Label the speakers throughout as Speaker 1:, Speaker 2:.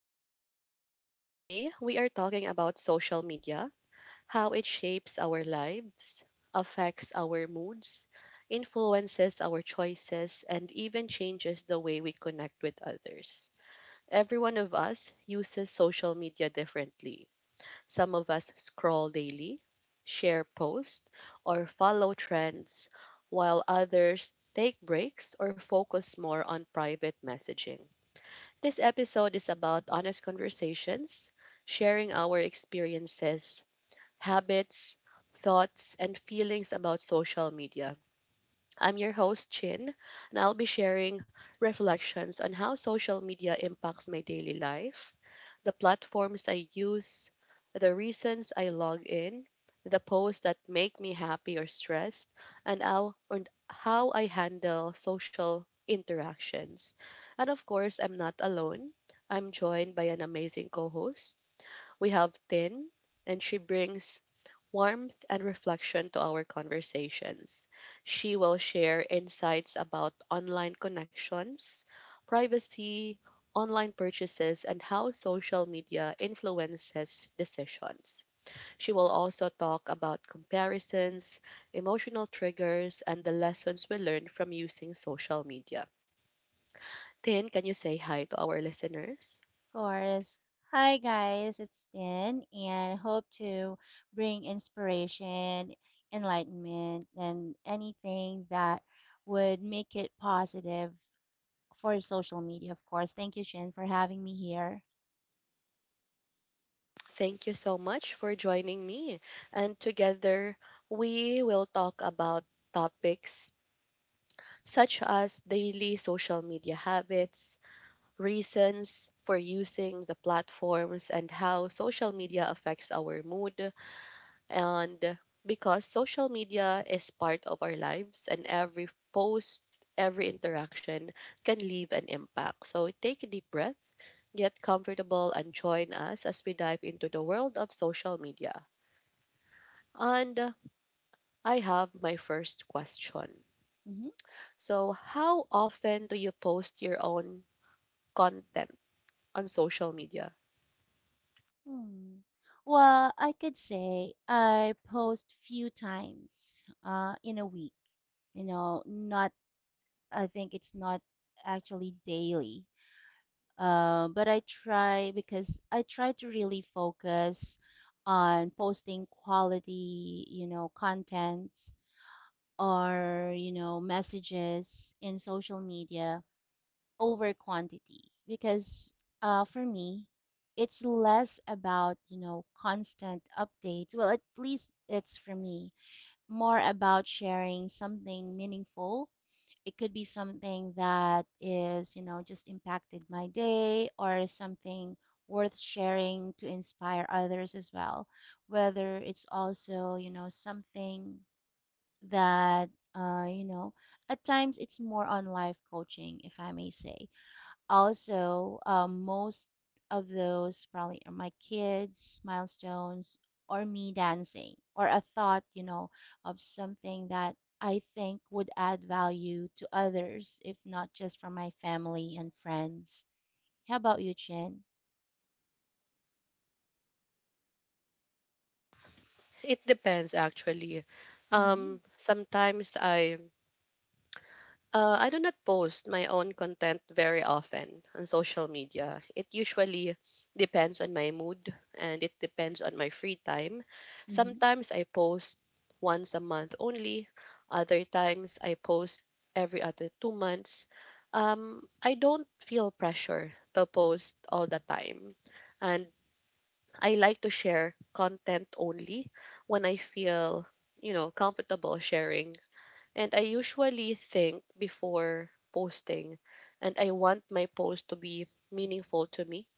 Speaker 1: podcast. Today, we are talking about social media, how it shapes our lives, affects our moods, influences our choices, and even changes the way we connect with others. Every one of us uses social media differently. Some of us scroll daily, share posts, or follow trends, while others take breaks or focus more on private messaging. This episode is about honest conversations, sharing our experiences, habits, thoughts, and feelings about social media. I'm your host, Chin, and I'll be sharing reflections on how social media impacts my daily life, the platforms I use, the reasons I log in, the posts that make me happy or stressed, and how I handle social interactions. And of course, I'm not alone. I'm joined by an amazing co host. We have Tin, and she brings warmth, and reflection to our conversations. She will share insights about online connections, privacy, online purchases, and how social media influences decisions. She will also talk about comparisons, emotional triggers, and the lessons we learned from using social media. Tin, can you say hi to our listeners?
Speaker 2: Course. Hi guys, it's Tin and hope to bring inspiration, enlightenment, and anything that would make it positive for social media, of course. Thank you, Shin, for having me here.
Speaker 1: Thank you so much for joining me. And together, we will talk about topics such as daily social media habits, reasons for using the platforms, and how social media affects our mood. And because social media is part of our lives, and every post, every interaction can leave an impact. So take a deep breath, get comfortable, and join us as we dive into the world of social media. And I have my first question.
Speaker 2: Mhm.
Speaker 1: So, how often do you post your own content on social media?
Speaker 2: hmm Well, I could say I post few times in a week. You know, not, I think it's not actually daily. But I try because I try to really focus on posting quality, you know, contents or, you know, messages in social media over quantity because for me, it's less about, you know, constant updates. Well, at least it's for me, more about sharing something meaningful. It could be something that is, you know, just impacted my day or something worth sharing to inspire others as well. Whether it's also, you know, something that, you know, at times it's more on life coaching, if I may say. Also, most of those probably are my kids, milestones, or me dancing, or a thought, you know, of something that I think would add value to others, if not just for my family and friends. How about you, Chin?
Speaker 1: It depends actually.
Speaker 2: Mm-hmm.
Speaker 1: Sometimes I do not post my own content very often on social media. It usually depends on my mood and it depends on my free time.
Speaker 2: Mm-hmm.
Speaker 1: Sometimes I post once a month only, other times I post every other 2 months. I don't feel pressure to post all the time. And I like to share content only when I feel, comfortable sharing, and I usually think before posting, and I want my post to be meaningful to me.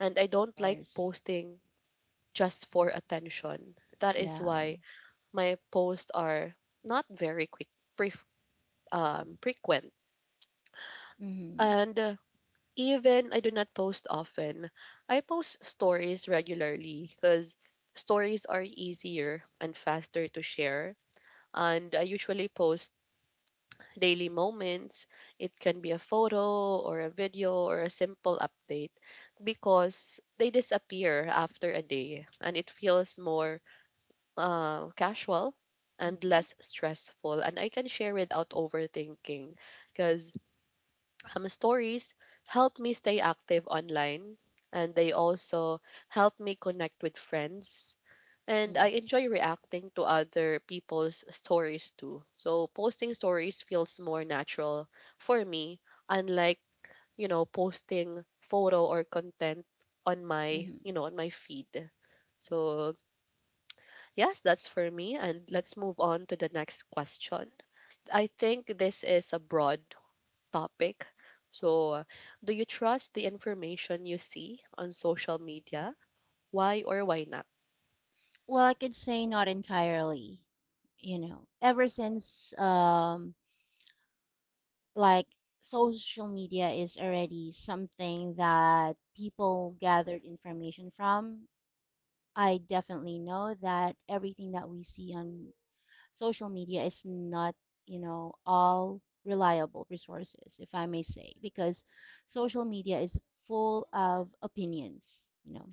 Speaker 1: And I don't
Speaker 2: Of
Speaker 1: like
Speaker 2: course.
Speaker 1: posting just for attention. That is
Speaker 2: Yeah.
Speaker 1: why my posts are not very quick, pref- frequent.
Speaker 2: Mm-hmm.
Speaker 1: And even I do not post often. I post stories regularly because stories are easier and faster to share. And I usually post daily moments. It can be a photo or a video or a simple update because they disappear after a day and it feels more casual and
Speaker 2: Mm-hmm.
Speaker 1: less stressful. And I can share without overthinking because stories help me stay active online, and they also help me connect with friends, and I
Speaker 2: Mm-hmm.
Speaker 1: enjoy reacting to other people's stories too, so posting stories feels more natural for me, unlike, posting photo or content on my,
Speaker 2: Mm-hmm.
Speaker 1: feed. So yes, that's for me, and let's move on to the next question. I think this is a broad topic. So, do you trust the information you see on social media? Why or why not?
Speaker 2: Well, I could say not entirely. You know, ever since like social media is already something that people gathered information from. I definitely know that everything that we see on social media is not, you know, all reliable resources, if I may say, because social media is full of opinions, you know,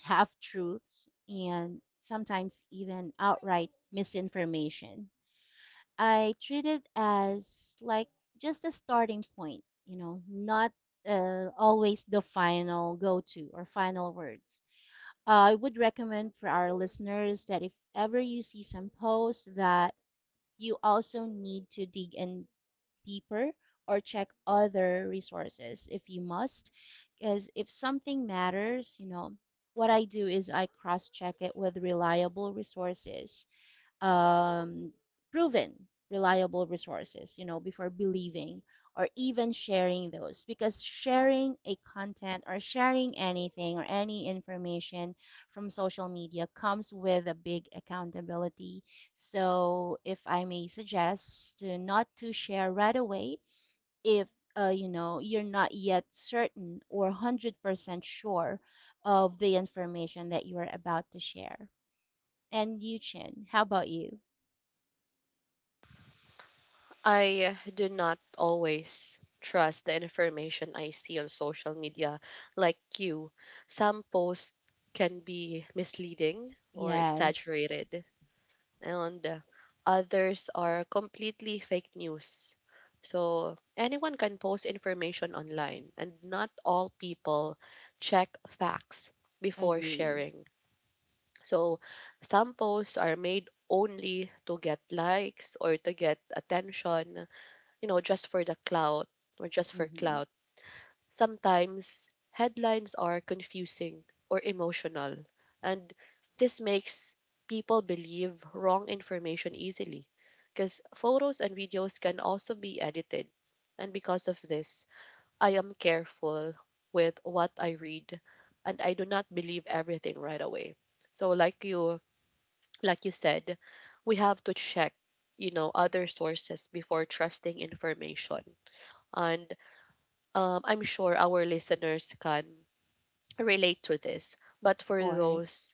Speaker 2: half truths, and sometimes even outright misinformation. I treat it as like just a starting point, you know, not always the final go to or final words. I would recommend for our listeners that if ever you see some posts that you also need to dig in deeper or check other resources if you must, because if something matters, you know, what I do is I cross check it with reliable resources, um, proven reliable resources, you know, before believing or even sharing those, because sharing a content or sharing anything or any information from social media comes with a big accountability. So if I may suggest, to not to share right away if you know, you're not yet certain or 100% sure of the information that you are about to share. And Yu Chin, how about you?
Speaker 1: I do not always trust the information I see on social media like you. Some posts can be misleading or
Speaker 2: Yes,
Speaker 1: exaggerated, and others are completely fake news. So, anyone can post information online, and not all people check facts before
Speaker 2: agree.
Speaker 1: sharing. So some posts are made only to get likes or to get attention, just for the clout or just for
Speaker 2: Mm-hmm.
Speaker 1: clout. Sometimes headlines are confusing or emotional, and this makes people believe wrong information easily because photos and videos can also be edited. And because of this, I am careful with what I read and I do not believe everything right away. So, like you said, we have to check, other sources before trusting information. And I'm sure our listeners can relate to this. But
Speaker 2: Of
Speaker 1: for
Speaker 2: course.
Speaker 1: those,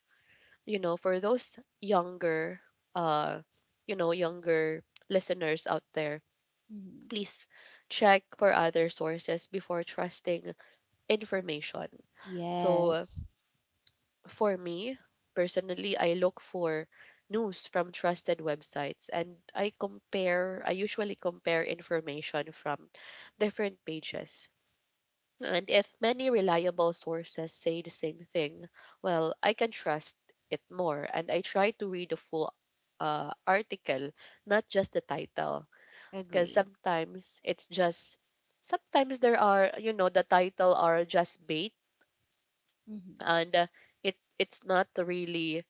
Speaker 1: younger, uh, younger listeners out there,
Speaker 2: Mm-hmm.
Speaker 1: please check for other sources before trusting information. So
Speaker 2: Yes,
Speaker 1: for me personally, I look for news from trusted websites, and I usually compare information from different pages. And if many reliable sources say the same thing, well, I can trust it more, and I try to read the full article, not just the title, because
Speaker 2: agree.
Speaker 1: sometimes it's just sometimes there are, the title are just bait.
Speaker 2: Mm-hmm.
Speaker 1: And it's not really,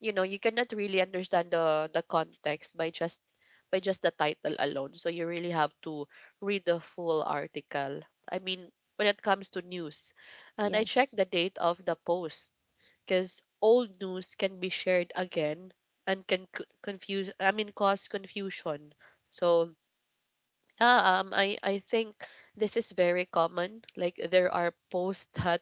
Speaker 1: you cannot really understand the context by just, the title alone, so you really have to read the full article, I mean, when it comes to news. And I check
Speaker 2: Yes,
Speaker 1: the date of the post because old news can be shared again and can confuse, I mean, cause confusion. So yeah, I think this is very common. Like there are posts that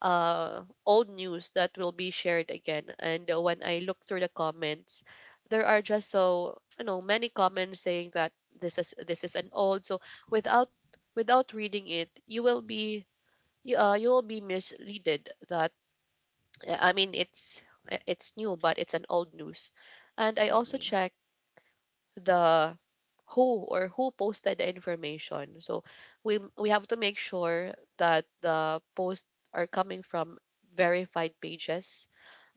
Speaker 1: old news that will be shared again. And when I look through the comments, there are just so, many comments saying that this is an old. So without without reading it, you will be misleaded that I mean it's new, but it's an old news. And I also
Speaker 2: agree.
Speaker 1: check the who or who posted the information. So we have to make sure that the posts are coming from verified pages.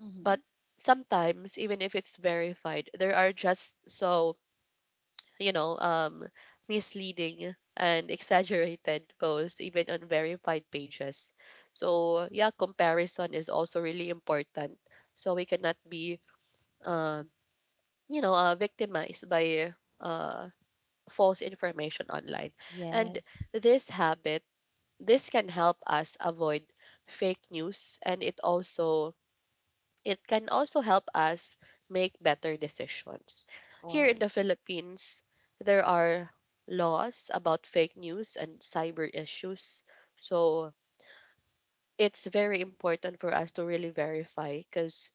Speaker 2: Mm-hmm.
Speaker 1: But sometimes, even if it's verified, there are just so, you know um, misleading and exaggerated posts even on verified pages. So yeah, comparison is also really important. So we cannot be uh, victimized by uh, false information online. And
Speaker 2: Yes,
Speaker 1: this habit, this can help us avoid fake news, and it can also help us make better decisions.
Speaker 2: of
Speaker 1: Here in the
Speaker 2: course.
Speaker 1: Philippines, there are laws about fake news and cyber issues. So it's very important for us to really verify because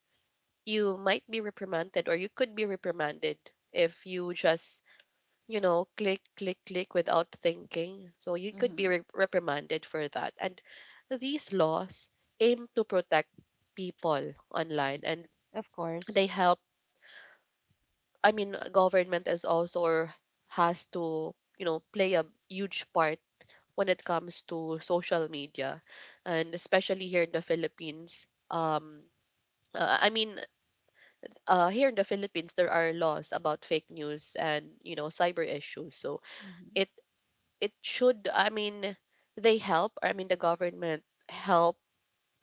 Speaker 1: you might be reprimanded, or you could be reprimanded if you just click, click, click without thinking. So you could be
Speaker 2: Mm-hmm.
Speaker 1: reprimanded for that. And these laws aim to protect people online, and
Speaker 2: Of course.
Speaker 1: they help. I mean, government is also, or has to, play a huge part when it comes to social media, and especially here in the Philippines. I mean, here in the Philippines, there are laws about fake news and, cyber issues. So
Speaker 2: Mm-hmm.
Speaker 1: it it should, I mean, they help, I mean, the government help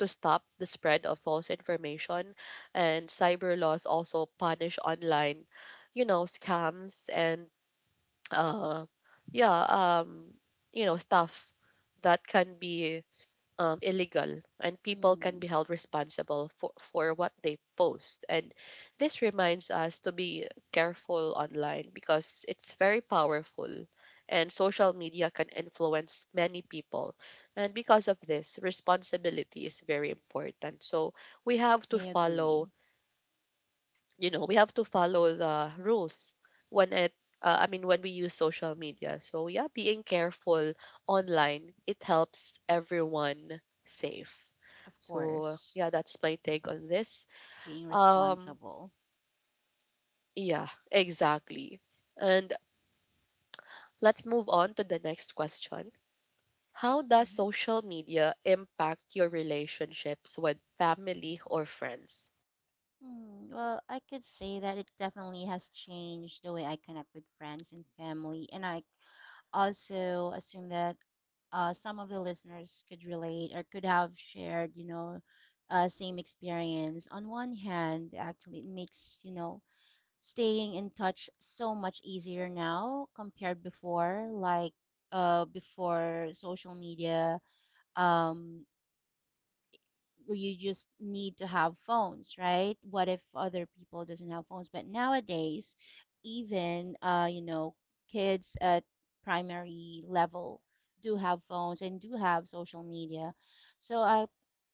Speaker 1: to stop the spread of false information. And cyber laws also punish online, scams, and uh yeah, um stuff that can be illegal, and people can be
Speaker 2: Mm,
Speaker 1: held responsible for what they post. And this reminds us to be careful online because it's very powerful, and social media can influence many people. And because of this, responsibility is very important. So we have to
Speaker 2: I
Speaker 1: follow,
Speaker 2: agree.
Speaker 1: the rules when it I mean when we use social media. So yeah, being careful online, it helps everyone safe.
Speaker 2: Of
Speaker 1: So
Speaker 2: course.
Speaker 1: yeah, that's my take on this.
Speaker 2: Being
Speaker 1: Um
Speaker 2: responsible.
Speaker 1: yeah, exactly. And let's move on to the next question. How does
Speaker 2: Mm-hmm.
Speaker 1: social media impact your relationships with family or friends?
Speaker 2: Mm, well, I could say that it definitely has changed the way I connect with friends and family, and I also assume that some of the listeners could relate or could have shared, you know, same experience. On one hand, actually, it makes, you know, staying in touch so much easier now compared before, like before social media. Um, you just need to have phones, right? What if other people doesn't have phones, but nowadays even you know, kids at primary level do have phones and do have social media. So I,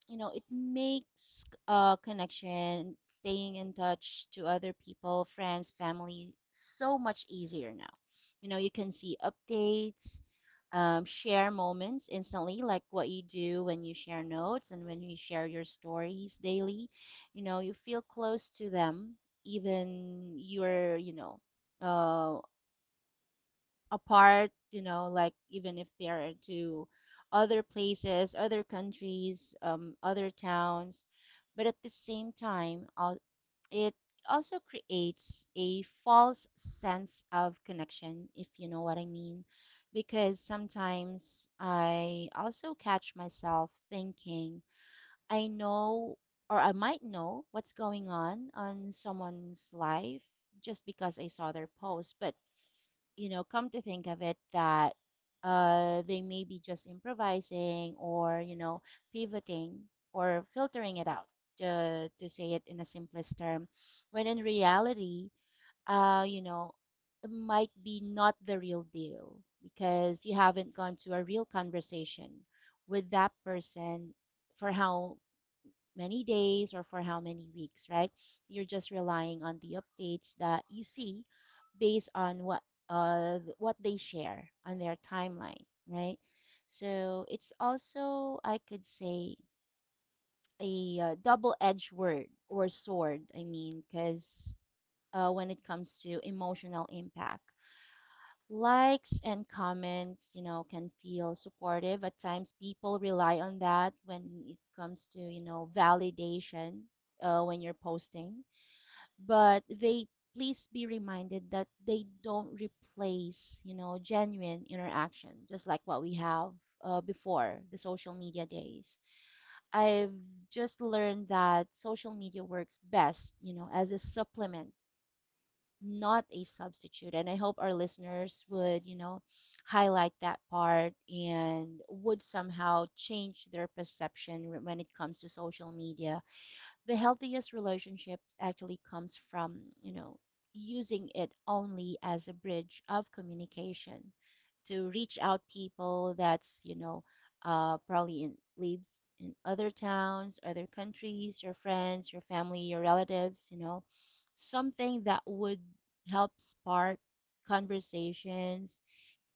Speaker 2: you know, it makes connection, staying in touch to other people, friends, family, so much easier now. You know, you can see updates, share moments instantly, like what you do when you share notes and when you share your stories daily. You know, you feel close to them, even you're, you know, uh, apart, you know, like even if they are to other places, other countries, other towns. But at the same time, it also creates a false sense of connection, if you know what I mean. Because sometimes I also catch myself thinking, I know or I might know what's going on someone's life just because I saw their post, but you know, come to think of it, that they may be just improvising or, you know, pivoting or filtering it out, to say it in a simplest term, when in reality, you know, it might be not the real deal because you haven't gone to a real conversation with that person for how many days or for how many weeks, right? You're just relying on the updates that you see based on what they share on their timeline, right? So it's also I could say a double-edged word or sword. I mean, because when it comes to emotional impact, likes and comments, you know, can feel supportive. At times, people rely on that when it comes to, you know, validation, when you're posting, but they, please be reminded that they don't replace, you know, genuine interaction, just like what we have before the social media days. I've just learned that social media works best, you know, as a supplement, not a substitute. And I hope our listeners would, you know, highlight that part and would somehow change their perception when it comes to social media. The healthiest relationships actually comes from, you know, using it only as a bridge of communication to reach out people that's, you know, probably in lives in other towns, other countries, your friends, your family, your relatives, you know, something that would help spark conversations,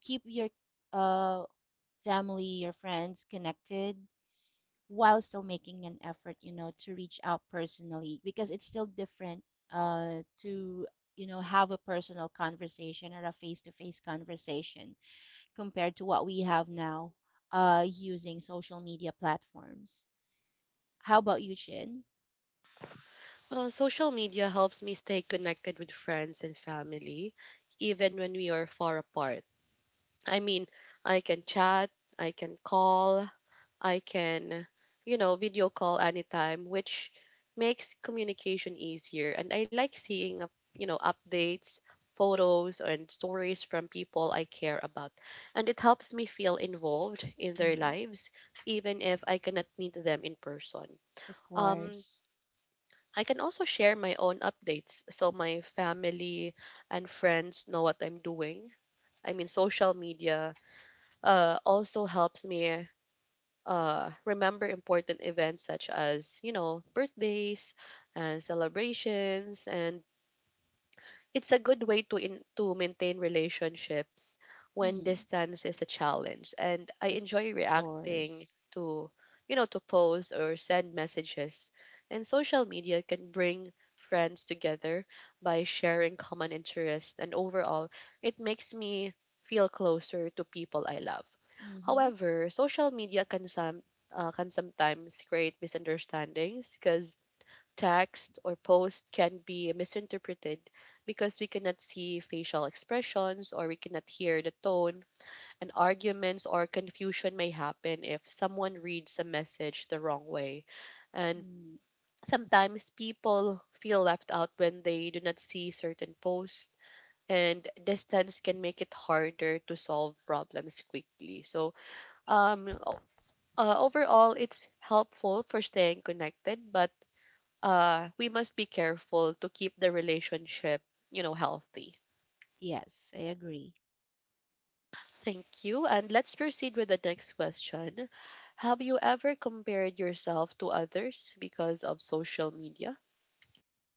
Speaker 2: keep your uh, family, your friends connected, while still making an effort, you know, to reach out personally, because it's still different to, you know, have a personal conversation or a face to face conversation compared to what we have now using social media platforms. How about you, Chin?
Speaker 1: Well, social media helps me stay connected with friends and family, even when we are far apart. I mean, I can chat, I can call, I can, video call anytime, which makes communication easier. And I like seeing, updates, photos, and stories from people I care about. And it helps me feel involved in their
Speaker 2: Hmm.
Speaker 1: lives, even if I cannot meet them in person.
Speaker 2: Of
Speaker 1: Um,
Speaker 2: course.
Speaker 1: I can also share my own updates so my family and friends know what I'm doing. I mean, social media also helps me remember important events such as, birthdays and celebrations, and it's a good way to to maintain relationships when
Speaker 2: Hmm.
Speaker 1: distance is a challenge. And I
Speaker 2: Of
Speaker 1: enjoy reacting
Speaker 2: course.
Speaker 1: to posts or send messages. And social media can bring friends together by sharing common interests. And overall, it makes me feel closer to people I love.
Speaker 2: Hmm.
Speaker 1: However, social media can sometimes create misunderstandings because text or post can be misinterpreted, because we cannot see facial expressions or we cannot hear the tone, and arguments or confusion may happen if someone reads a message the wrong way. And
Speaker 2: Mm.
Speaker 1: sometimes people feel left out when they do not see certain posts. And distance can make it harder to solve problems quickly. So, um, o- overall, it's helpful for staying connected, but we must be careful to keep the relationship, healthy.
Speaker 2: Yes, I agree.
Speaker 1: Thank you. And let's proceed with the next question. Have you ever compared yourself to others because of social media?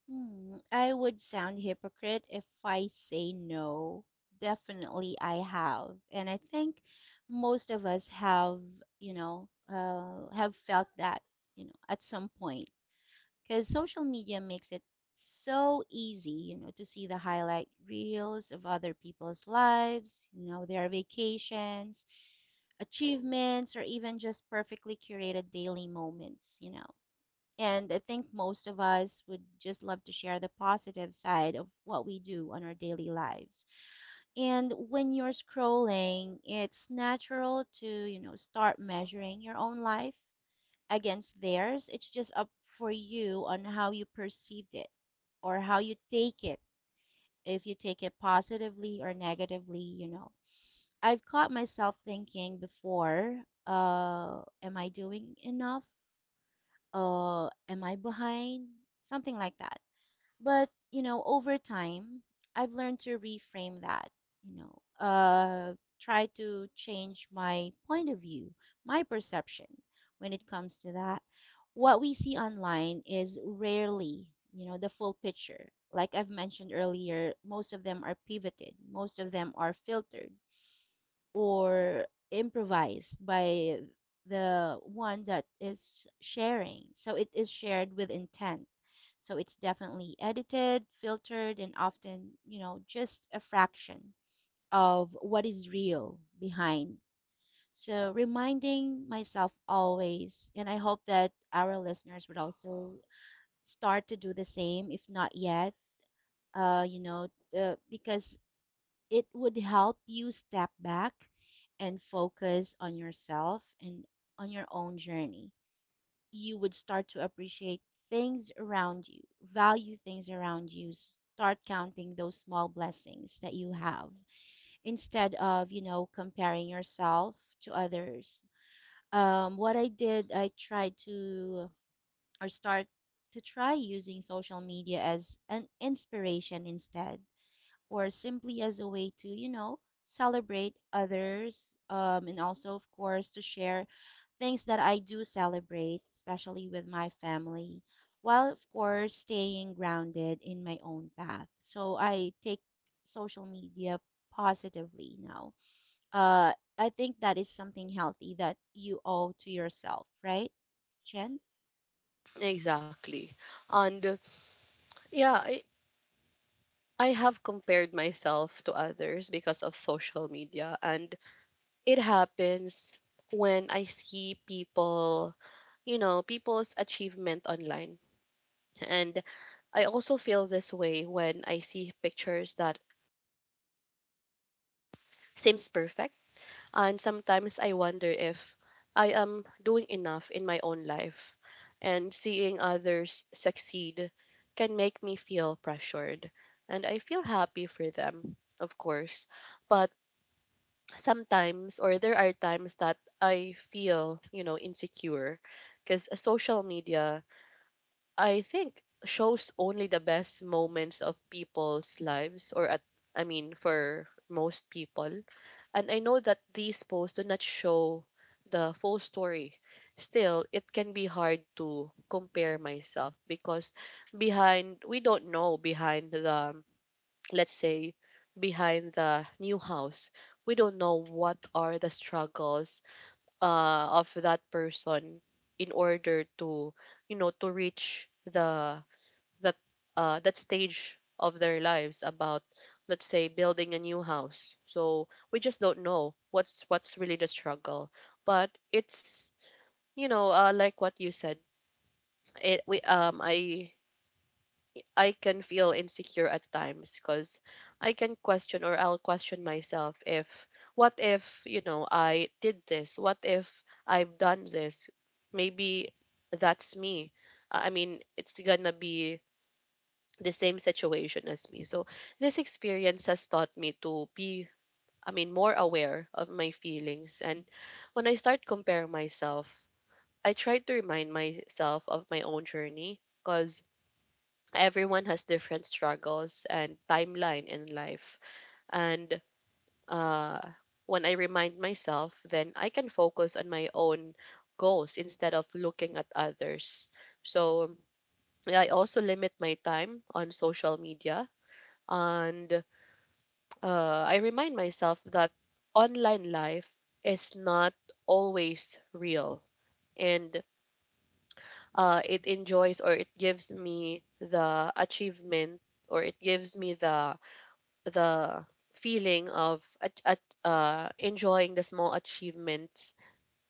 Speaker 2: Hmm, I would sound hypocrite if I say no. Definitely, I have. And I think most of us have felt that, you know, at some point. Because social media makes it so easy, you know, to see the highlight reels of other people's lives, you know, their vacations, achievements, or even just perfectly curated daily moments, you know. And I think most of us would just love to share the positive side of what we do on our daily lives. And when you're scrolling, it's natural to, you know, start measuring your own life against theirs. It's just up for you on how you perceived it or how you take it, if you take it positively or negatively, you know. I've caught myself thinking before, am I doing enough? Am I behind? Something like that. But, you know, over time, I've learned to reframe that, you know, try to change my point of view, my perception when it comes to that. What we see online is rarely, you know, the full picture. Like I've mentioned earlier, most of them are pivoted, most of them are filtered or improvised by the one that is sharing. So it is shared with intent. So it's definitely edited, filtered, and often, you know, just a fraction of what is real behind. So reminding myself always, and I hope that our listeners would also start to do the same, if not yet, you know, because it would help you step back and focus on yourself and on your own journey. You would start to appreciate things around you, value things around you, start counting those small blessings that you have instead of, you know, comparing yourself to others. What I did, I tried to or start to try using social media as an inspiration instead or simply as a way to, you know, celebrate others, and also, of course, to share things that I do celebrate, especially with my family, while, of course, staying grounded in my own path. So I take social media positively now. Uh, I think that is something
Speaker 1: Exactly. And yeah, I have compared myself to others because of social media. And it happens when I see people, you know, people's achievement online. And I also feel this way when I see pictures that seems perfect. And sometimes I wonder if I am doing enough in my own life. And seeing others succeed can make me feel pressured. And I feel happy for them, of course. But sometimes, or there are times that I feel, you know, insecure because social media I think shows only the best moments of people's lives, or at I mean for most people. And I know that these posts do not show the full story. Still, it can be hard to compare myself because behind we don't know behind the, let's say, behind the new house. We don't know what are the struggles of that person in order to, you know, to reach the that that stage of their lives about, let's say, building a new house, so we just don't know what's really the struggle. But it's, you know, like what you said, it we I I can feel insecure at times because I can question, or I'll question myself if what if, you know, I did this, what if I've done this. Maybe that's me. I mean, it's gonna be the same situation as me. So this experience has taught me to be, I mean, more aware of my feelings. And when I start comparing myself, I try to remind myself of my own journey because everyone has different struggles and timeline in life. And uh, when I remind myself, then I can focus on my own goals instead of looking at others. So yeah, I also limit my time on social media, and I remind myself that online life is not always real, and it enjoys or it gives me the achievement, or it gives me the feeling of enjoying the small achievements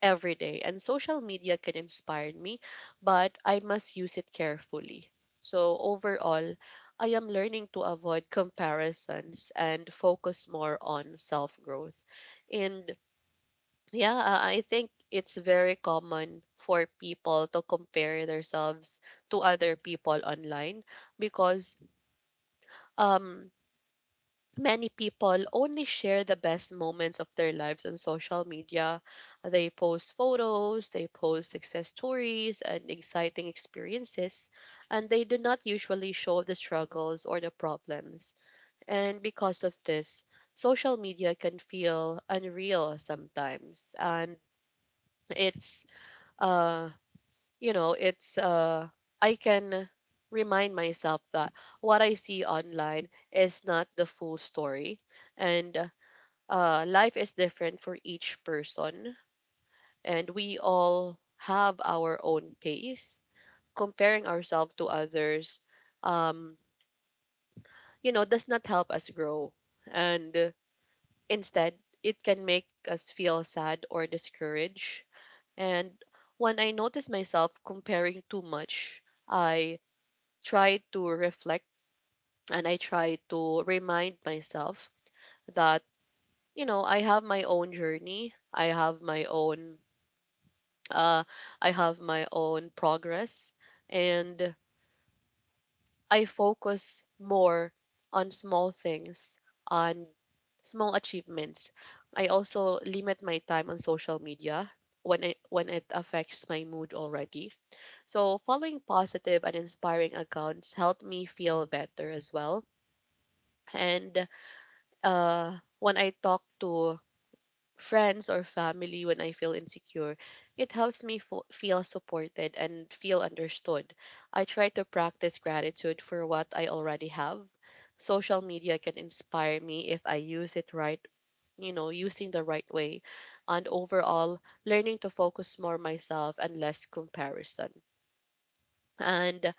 Speaker 1: every day. And social media can inspire me, but I must use it carefully. So overall, I am learning to avoid comparisons and focus more on self growth. And yeah, I think it's very common for people to compare themselves to other people online because um many people only share the best moments of their lives on social media. They post photos, they post success stories and exciting experiences, and they do not usually show the struggles or the problems. And because of this, social media can feel unreal sometimes. And it's, uh, you know, it's, I can remind myself that what I see online is not the full story, and life is different for each person, and we all have our own pace. Comparing ourselves to others, um, you know, does not help us grow, and instead, it can make us feel sad or discouraged. And when I notice myself comparing too much, I try to reflect, and I try to remind myself that, you know, I have my own journey, I have my own Uh, I have my own progress, and I focus more on small things, on small achievements. I also limit my time on social media when it affects my mood already. So following positive and inspiring accounts help me feel better as well. And when I talk to friends or family when I feel insecure, it helps me feel supported and feel understood. I try to practice gratitude for what I already have. Social media can inspire me if I use it right, you know, using the right way. And overall, learning to focus more myself and less comparison. And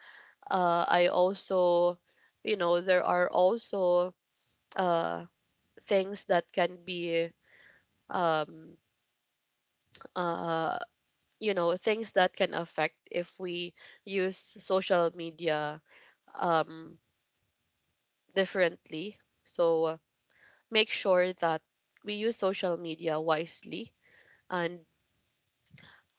Speaker 1: I also, you know, there are also uh, things that can be um, uh, you know, things that can affect if we use social media um, differently. So make sure that we use social media wisely, and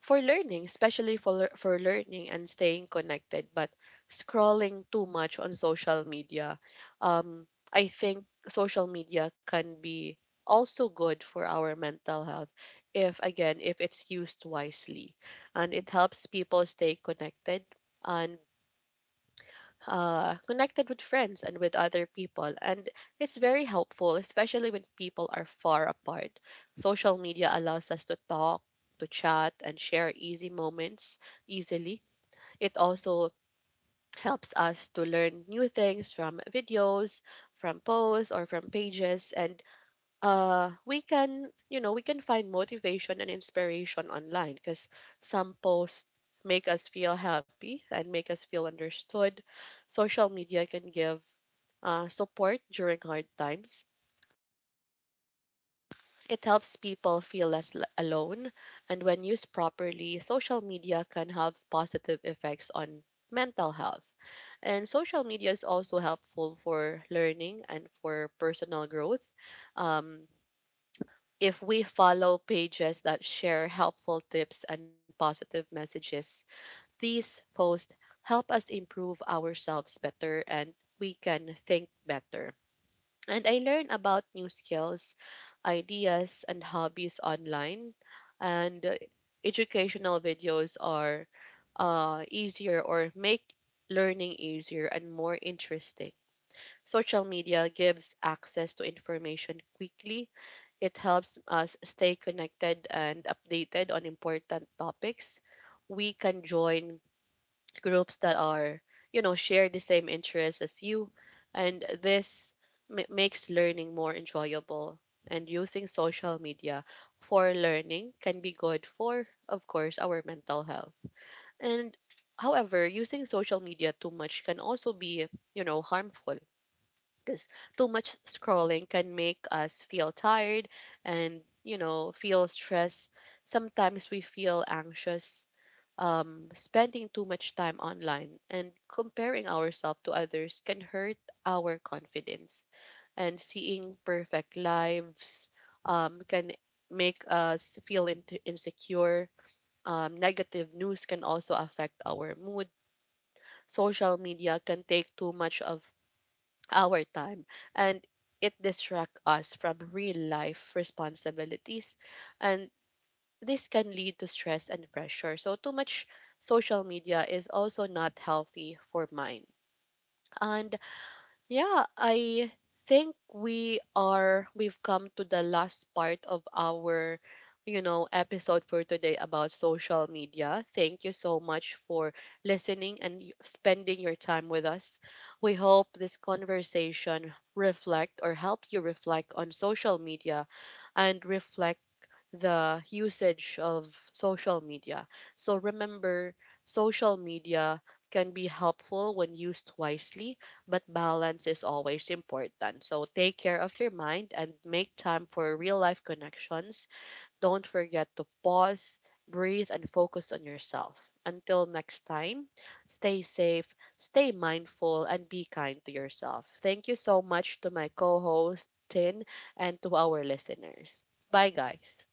Speaker 1: for learning, especially for for learning and staying connected. But scrolling too much on social media, um, I think social media can be also good for our mental health, if again if it's used wisely. And it helps people stay connected, and connected with friends and with other people. And it's very helpful, especially when people are far apart. Social media allows us to talk, to chat, and share easy moments easily. It also helps us to learn new things from videos, from posts, or from pages. And we can, you know, we can find motivation and inspiration online because some posts make us feel happy and make us feel understood. Social media can give support during hard times. It helps people feel alone. And when used properly, social media can have positive effects on mental health. And social media is also helpful for learning and for personal growth. Um, If we follow pages that share helpful tips and positive messages, these posts help us improve ourselves better, and we can think better. And I learn about new skills, ideas, and hobbies online. And educational videos are easier, or make learning easier and more interesting. Social media gives access to information quickly. It helps us stay connected and updated on important topics. We can join groups that are, you know, share the same interests as you, and this makes learning more enjoyable. And using social media for learning can be good for, of course, our mental health. And however, using social media too much can also be, you know, harmful because too much scrolling can make us feel tired, and you know, feel stress. Sometimes we feel anxious. Spending too much time online and comparing ourselves to others can hurt our confidence, and seeing perfect lives can make us feel insecure. Negative news can also affect our mood. Social media can take too much of our time, and it distracts us from real life responsibilities, and this can lead to stress and pressure. So too much social media is also not healthy for mine. And yeah, I think we've come to the last part of our, you know, episode for today about social media. Thank you so much for listening and spending your time with us. We hope this conversation reflect, or help you reflect on social media, and reflect the usage of social media. So remember, social media can be helpful when used wisely, but balance is always important. So take care of your mind and make time for real life connections. Don't forget to pause, breathe, and focus on yourself. Until next time, stay safe, stay mindful, and be kind to yourself. Thank you so much to my co host, Tin, and to our listeners. Bye, guys.